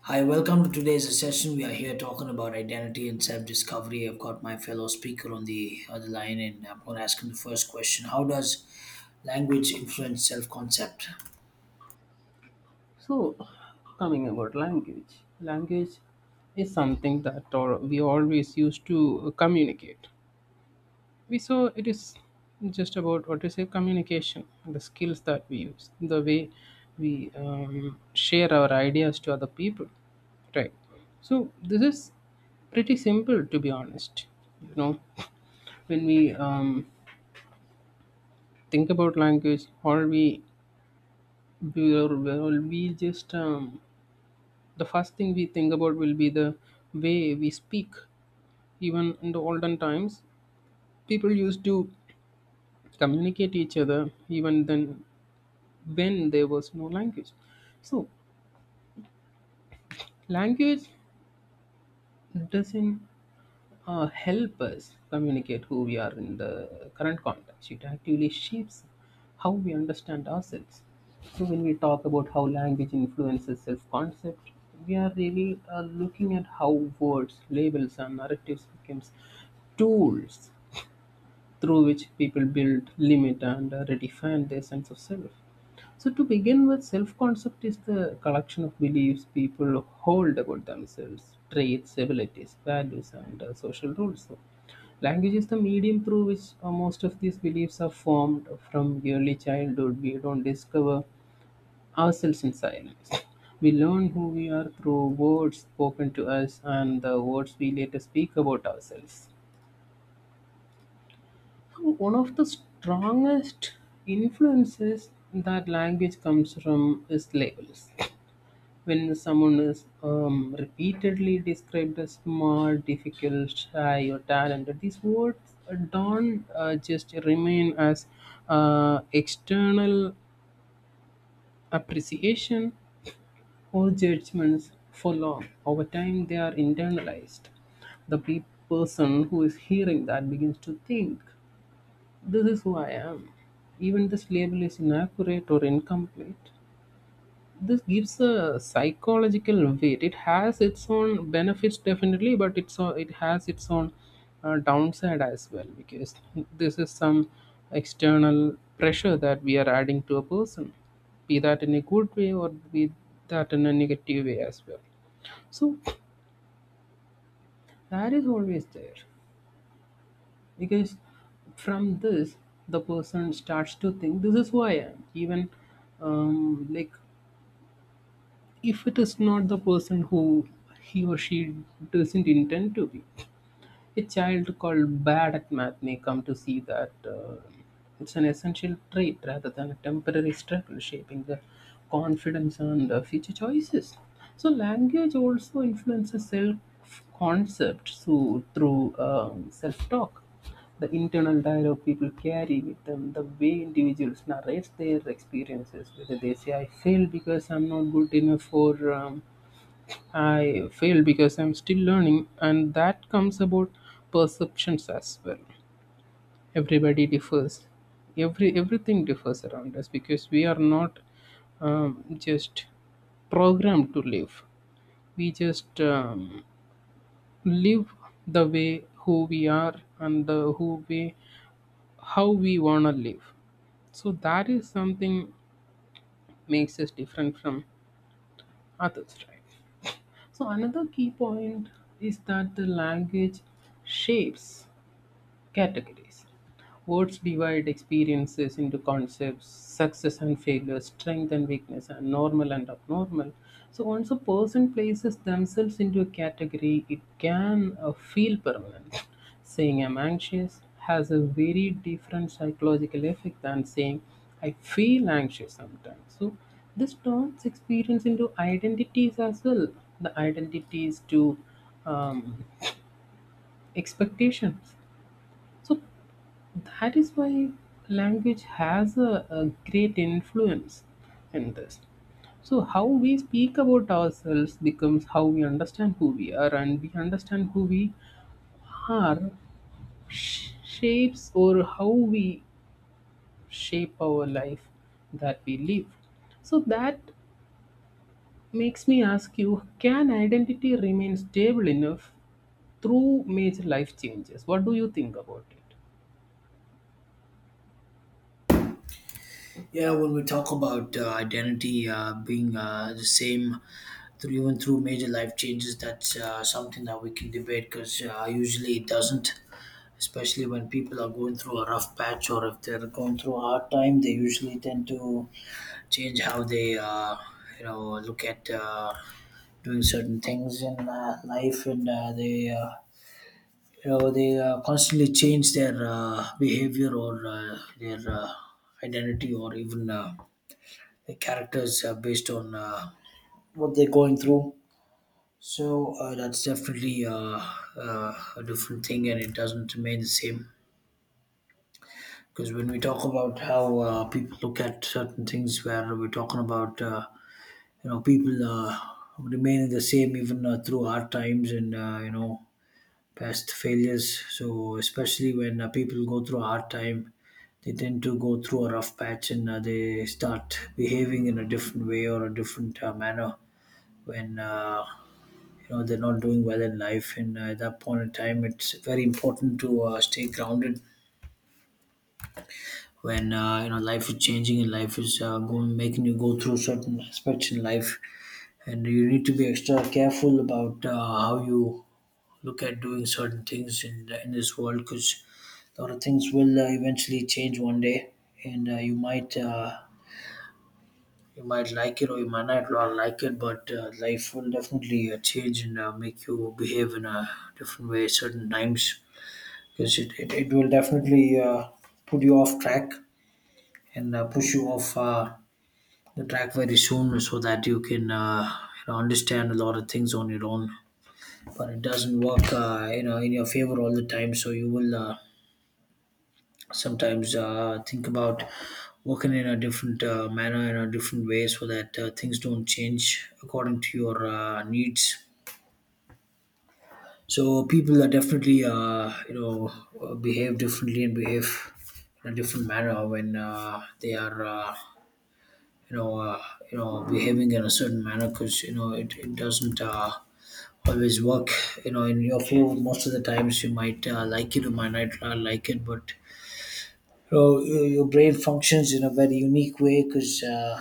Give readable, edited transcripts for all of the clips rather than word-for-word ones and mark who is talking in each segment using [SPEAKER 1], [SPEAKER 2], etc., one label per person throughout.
[SPEAKER 1] Hi, welcome to today's session. We are here talking about identity and self discovery. I've got my fellow speaker on the other line, and I'm going to ask him the first question: How does language influence self concept?
[SPEAKER 2] So, coming about language, language is something that or we always used to communicate. We saw it is just about what to say communication, the skills that we use, the way we share our ideas to other people, right? So this is pretty simple to be honest. You know, when we think about language, all we, all we just the first thing we think about will be the way we speak, even in the olden times people used to communicate each other even then when there was no language. So language doesn't help us communicate who we are in the current context. It actively shapes how we understand ourselves. So, when we talk about how language influences self concept, we are really looking at how words, labels, and narratives becomes tools through which people build, limit, and redefine their sense of self. So, to begin with, self concept is the collection of beliefs people hold about themselves, traits, abilities, values, and social rules. So, language is the medium through which most of these beliefs are formed from early childhood. We don't discover ourselves in silence. We learn who we are through words spoken to us and the words we later speak about ourselves. One of the strongest influences that language comes from is labels. When someone is repeatedly described as smart, difficult, shy, or talented, these words don't just remain as external appreciation or judgments for long. Over time, they are internalized. The person who is hearing that begins to think, this is who I am. Even this label is inaccurate or incomplete. This gives a psychological weight. It has its own benefits definitely, but it has its own downside as well, because this is some external pressure that we are adding to a person, be that in a good way or be that in a negative way as well. So that is always there, because from this the person starts to think this is who I am, even like if it is not the person who he or she doesn't intend to be. A child called bad at math may come to see that it's an essential trait rather than a temporary struggle, shaping their confidence and future choices. So, language also influences self concept so, through self talk. The internal dialogue people carry with them, the way individuals narrate their experiences, whether they say, I failed because I'm not good enough, or I fail because I'm still learning, and that comes about perceptions as well. Everybody differs. Everything differs around us because we are not just programmed to live. We just live the way who we are, and the who we how we wanna live. So that is something makes us different from others, right? So another key point is that the language shapes categories. Words divide experiences into concepts, success and failure, strength and weakness, and normal and abnormal. So once a person places themselves into a category, it can feel permanent. Saying I'm anxious has a very different psychological effect than saying I feel anxious sometimes. So this turns experience into identities as well. The identities to um, expectations, so that is why language has a great influence in this. So how we speak about ourselves becomes how we understand who we are, and we understand who we are sh- shapes or how we shape our life that we live. So that makes me ask you: can identity remain stable enough through major life changes? What do you think about it?
[SPEAKER 1] Yeah, when we talk about identity being the same through, even through, major life changes, that's something that we can debate because usually it doesn't. Especially when people are going through a rough patch or if they're going through a hard time, they usually tend to change how they look at doing certain things in life, and they you know they constantly change their behavior or their identity, or even their characters based on what they're going through. So that's definitely a different thing, and it doesn't remain the same. Because when we talk about how people look at certain things, where we're talking about people remaining the same even through hard times and past failures. So especially when people go through a hard time, they tend to go through a rough patch, and they start behaving in a different way or a different manner when they're not doing well in life. And at that point in time, it's very important to stay grounded when life is changing, and life is going, making you go through certain aspects in life, and you need to be extra careful about how you look at doing certain things in this world, because a lot of things will eventually change one day, and you might like it or you might not like it, but life will definitely change and make you behave in a different way certain times, because it will definitely put you off track and push you off the track very soon, so that you can you know, understand a lot of things on your own. But it doesn't work in your favor all the time, so you will sometimes think about working in a different manner, in a different way, so that things don't change according to your needs. So people are definitely behave differently and behave in a different manner when they are you know uh, behaving in a certain manner, because you know it doesn't always work, you know, in your favor most of the times. You might like it or might not like it, but you know your brain functions in a very unique way, because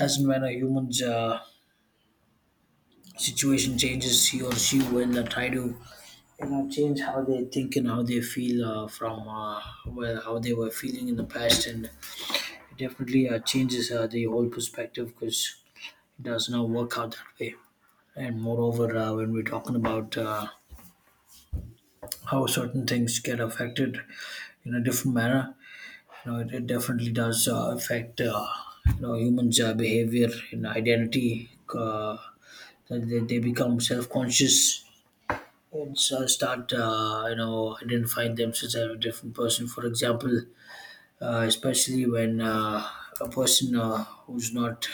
[SPEAKER 1] as and when a human's situation changes, he or she will try to you know change how they think and how they feel from how they were feeling in the past, and it definitely changes the whole perspective, because it does not work out that way. And moreover, when we're talking about how certain things get affected in a different manner, you know, it definitely does affect you know humans' behavior and identity. That they become self-conscious, and so start you know identifying themselves as a different person. For example, especially when a person who's not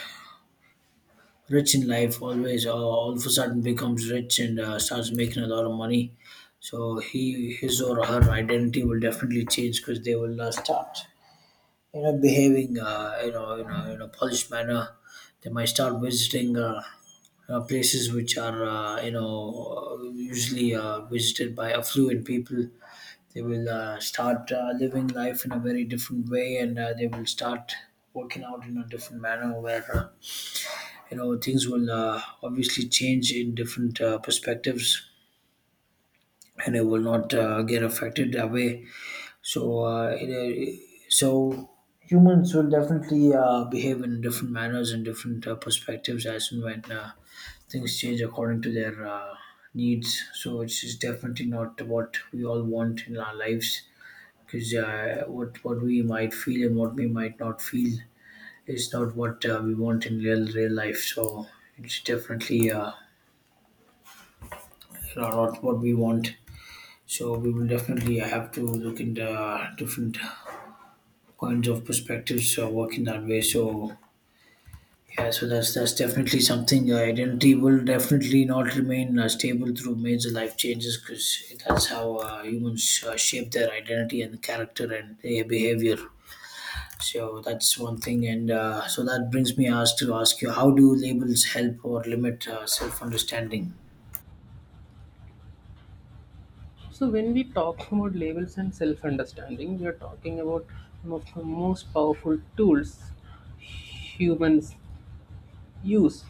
[SPEAKER 1] rich in life always all of a sudden becomes rich and starts making a lot of money, so he, his or her identity will definitely change, because they will start you know behaving you know in a polished manner. They might start visiting places which are usually visited by affluent people. They will start living life in a very different way, and they will start working out in a different manner, where things will obviously change in different perspectives, and it will not get affected that way. So so humans will definitely behave in different manners and different perspectives as and when things change according to their needs. So it's definitely not what we all want in our lives, because what we might feel and what we might not feel is not what we want in real real life. So it's definitely not what we want. So we will definitely have to look into different kinds of perspectives working that way. So yeah, so that's definitely something. Identity will definitely not remain stable through major life changes, because that's how humans shape their identity and character and their behavior. So that's one thing, and so that brings me ask you: How do labels help or limit self-understanding?
[SPEAKER 2] So when we talk about labels and self-understanding, we are talking about some of the most powerful tools humans use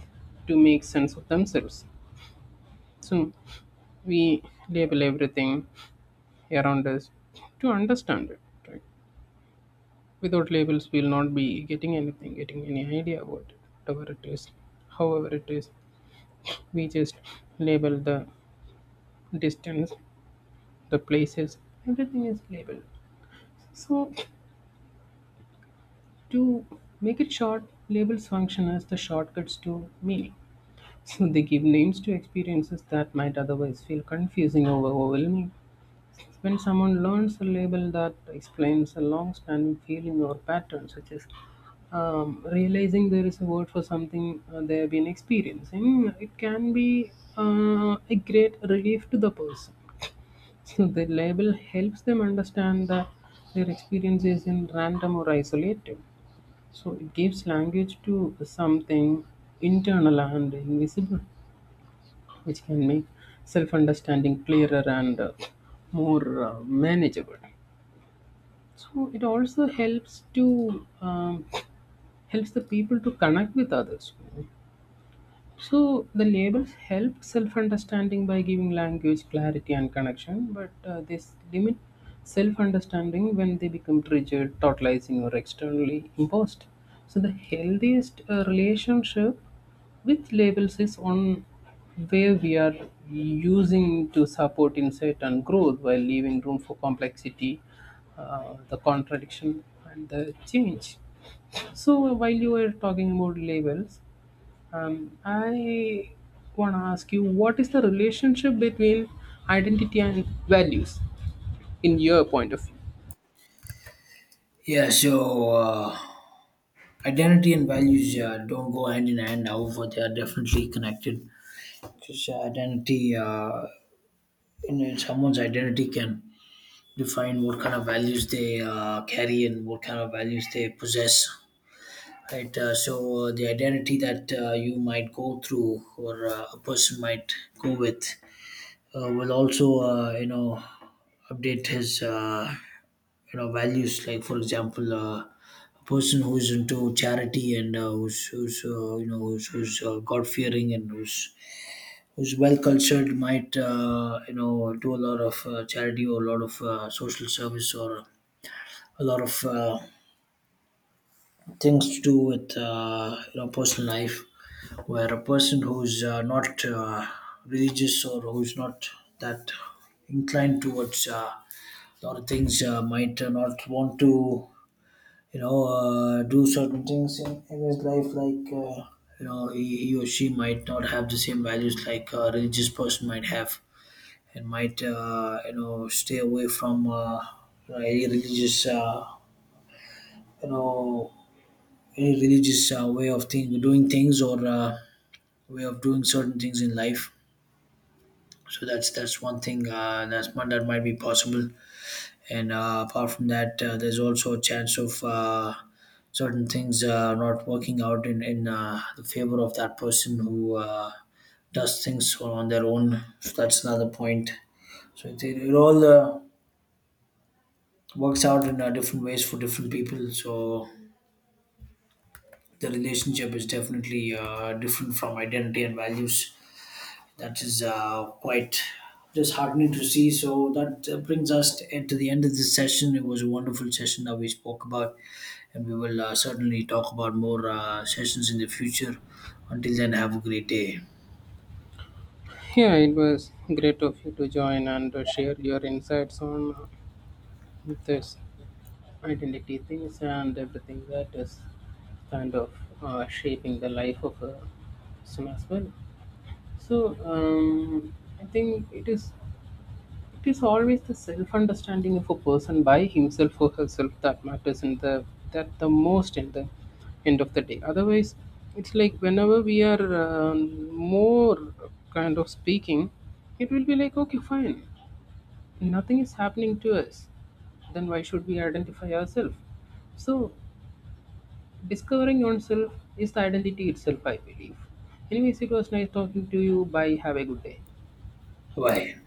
[SPEAKER 2] to make sense of themselves. So we label everything around us to understand it. Right? Without labels, we'll not be getting anything, getting any idea about it, whatever it is, however it is. We just label the distance, the places, everything is labeled. So to make it short, labels function as the shortcuts to meaning. So they give names to experiences that might otherwise feel confusing or overwhelming. When someone learns a label that explains a long standing feeling or pattern, such as realizing there is a word for something they have been experiencing, it can be a great relief to the person. So the label helps them understand that their experience isn't random or isolated. So it gives language to something internal and invisible, which can make self understanding clearer and more manageable. So it also helps to helps the people to connect with others. So the labels help self-understanding by giving language clarity and connection, but limit self-understanding when they become triggered, totalizing, or externally imposed. So the healthiest relationship with labels is one where we are using to support insight and growth while leaving room for complexity, the contradiction, and the change. So while you were talking about labels, I want to ask you, what is the relationship between identity and values in your point of view?
[SPEAKER 1] Yeah, so identity and values don't go hand in hand; however, they are definitely connected. Because identity, someone's identity can define what kind of values they carry and what kind of values they possess. Right, so the identity that you might go through, or a person might go with, will also, update his, values. Like for example, a person who's into charity and who's, who's you know who's, who's God fearing, and who's who's well cultured, might you know do a lot of charity or a lot of social service or a lot of things to do with you know personal life. Where a person who's not religious or who's not that inclined towards a lot of things might not want to you know do certain things in his life, like you know he or she might not have the same values like a religious person might have, and might you know stay away from any religious you know way of doing things, or way of doing certain things in life. So that's one thing, that's one that might be possible. And apart from that, there's also a chance of certain things not working out in the favor of that person who does things on their own. So that's another point. So it all works out in different ways for different people. So the relationship is definitely different from identity and values. That is quite disheartening to see. So that brings us to the end of this session. It was a wonderful session that we spoke about, and we will certainly talk about more sessions in the future. Until then, have a great day.
[SPEAKER 2] Yeah, it was great of you to join and share your insights on this identity things and everything that is kind of shaping the life of a person as well. So I think it is, it is always the self-understanding of a person by himself or herself that matters in the that the most in the end of the day. Otherwise, it's like whenever we are more kind of speaking, it will be like okay, fine, nothing is happening to us. Then why should we identify ourselves? So, discovering yourself is the identity itself, I believe. Anyways, it was nice talking to you. Bye. Have a good day.
[SPEAKER 1] Bye.